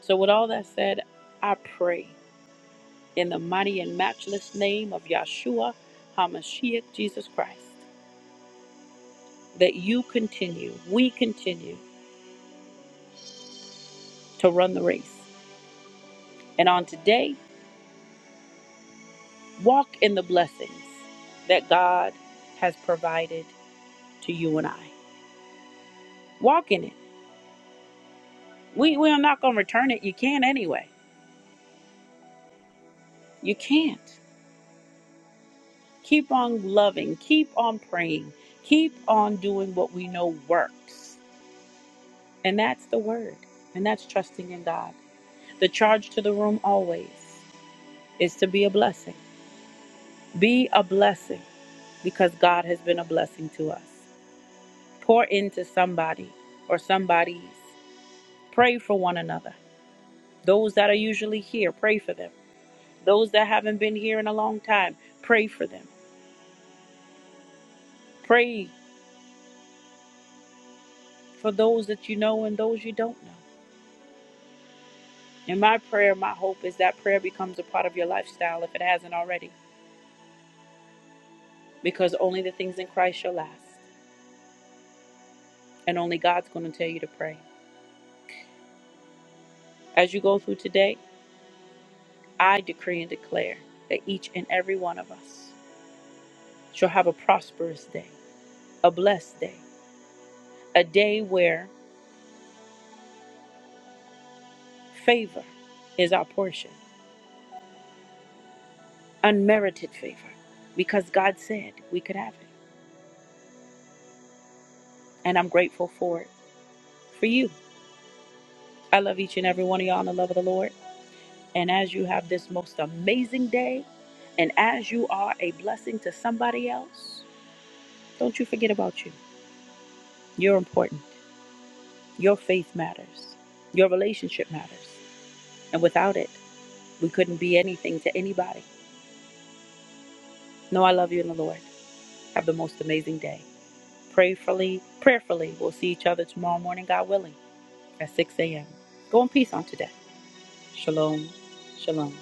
A: So, with all that said, I pray in the mighty and matchless name of Yahshua HaMashiach, Jesus Christ, that you continue, we continue to run the race. And on today, walk in the blessings that God has provided to you and I. Walk in it. We, we are not going to return it. You can't anyway. You can't. Keep on loving, keep on praying, keep on doing what we know works. And that's the word, and that's trusting in God. The charge to the room always is to be a blessing. Be a blessing because God has been a blessing to us. Pour into somebody or somebody's. Pray for one another. Those that are usually here, pray for them. Those that haven't been here in a long time, pray for them. Pray for those that you know and those you don't know. And my prayer, my hope is that prayer becomes a part of your lifestyle if it hasn't already, because only the things in Christ shall last, and only God's going to tell you to pray. As you go through today, I decree and declare that each and every one of us shall have a prosperous day, a blessed day, a day where favor is our portion, unmerited favor, because God said we could have it. And I'm grateful for it. For you, I love each and every one of y'all in the love of the Lord. And as you have this most amazing day, and as you are a blessing to somebody else, don't you forget about you. You're important. Your faith matters. Your relationship matters. And without it, we couldn't be anything to anybody. No, I love you in the Lord. Have the most amazing day. Prayfully, prayerfully, we'll see each other tomorrow morning, God willing, at 6 a.m. Go in peace on today. Shalom. Shalom.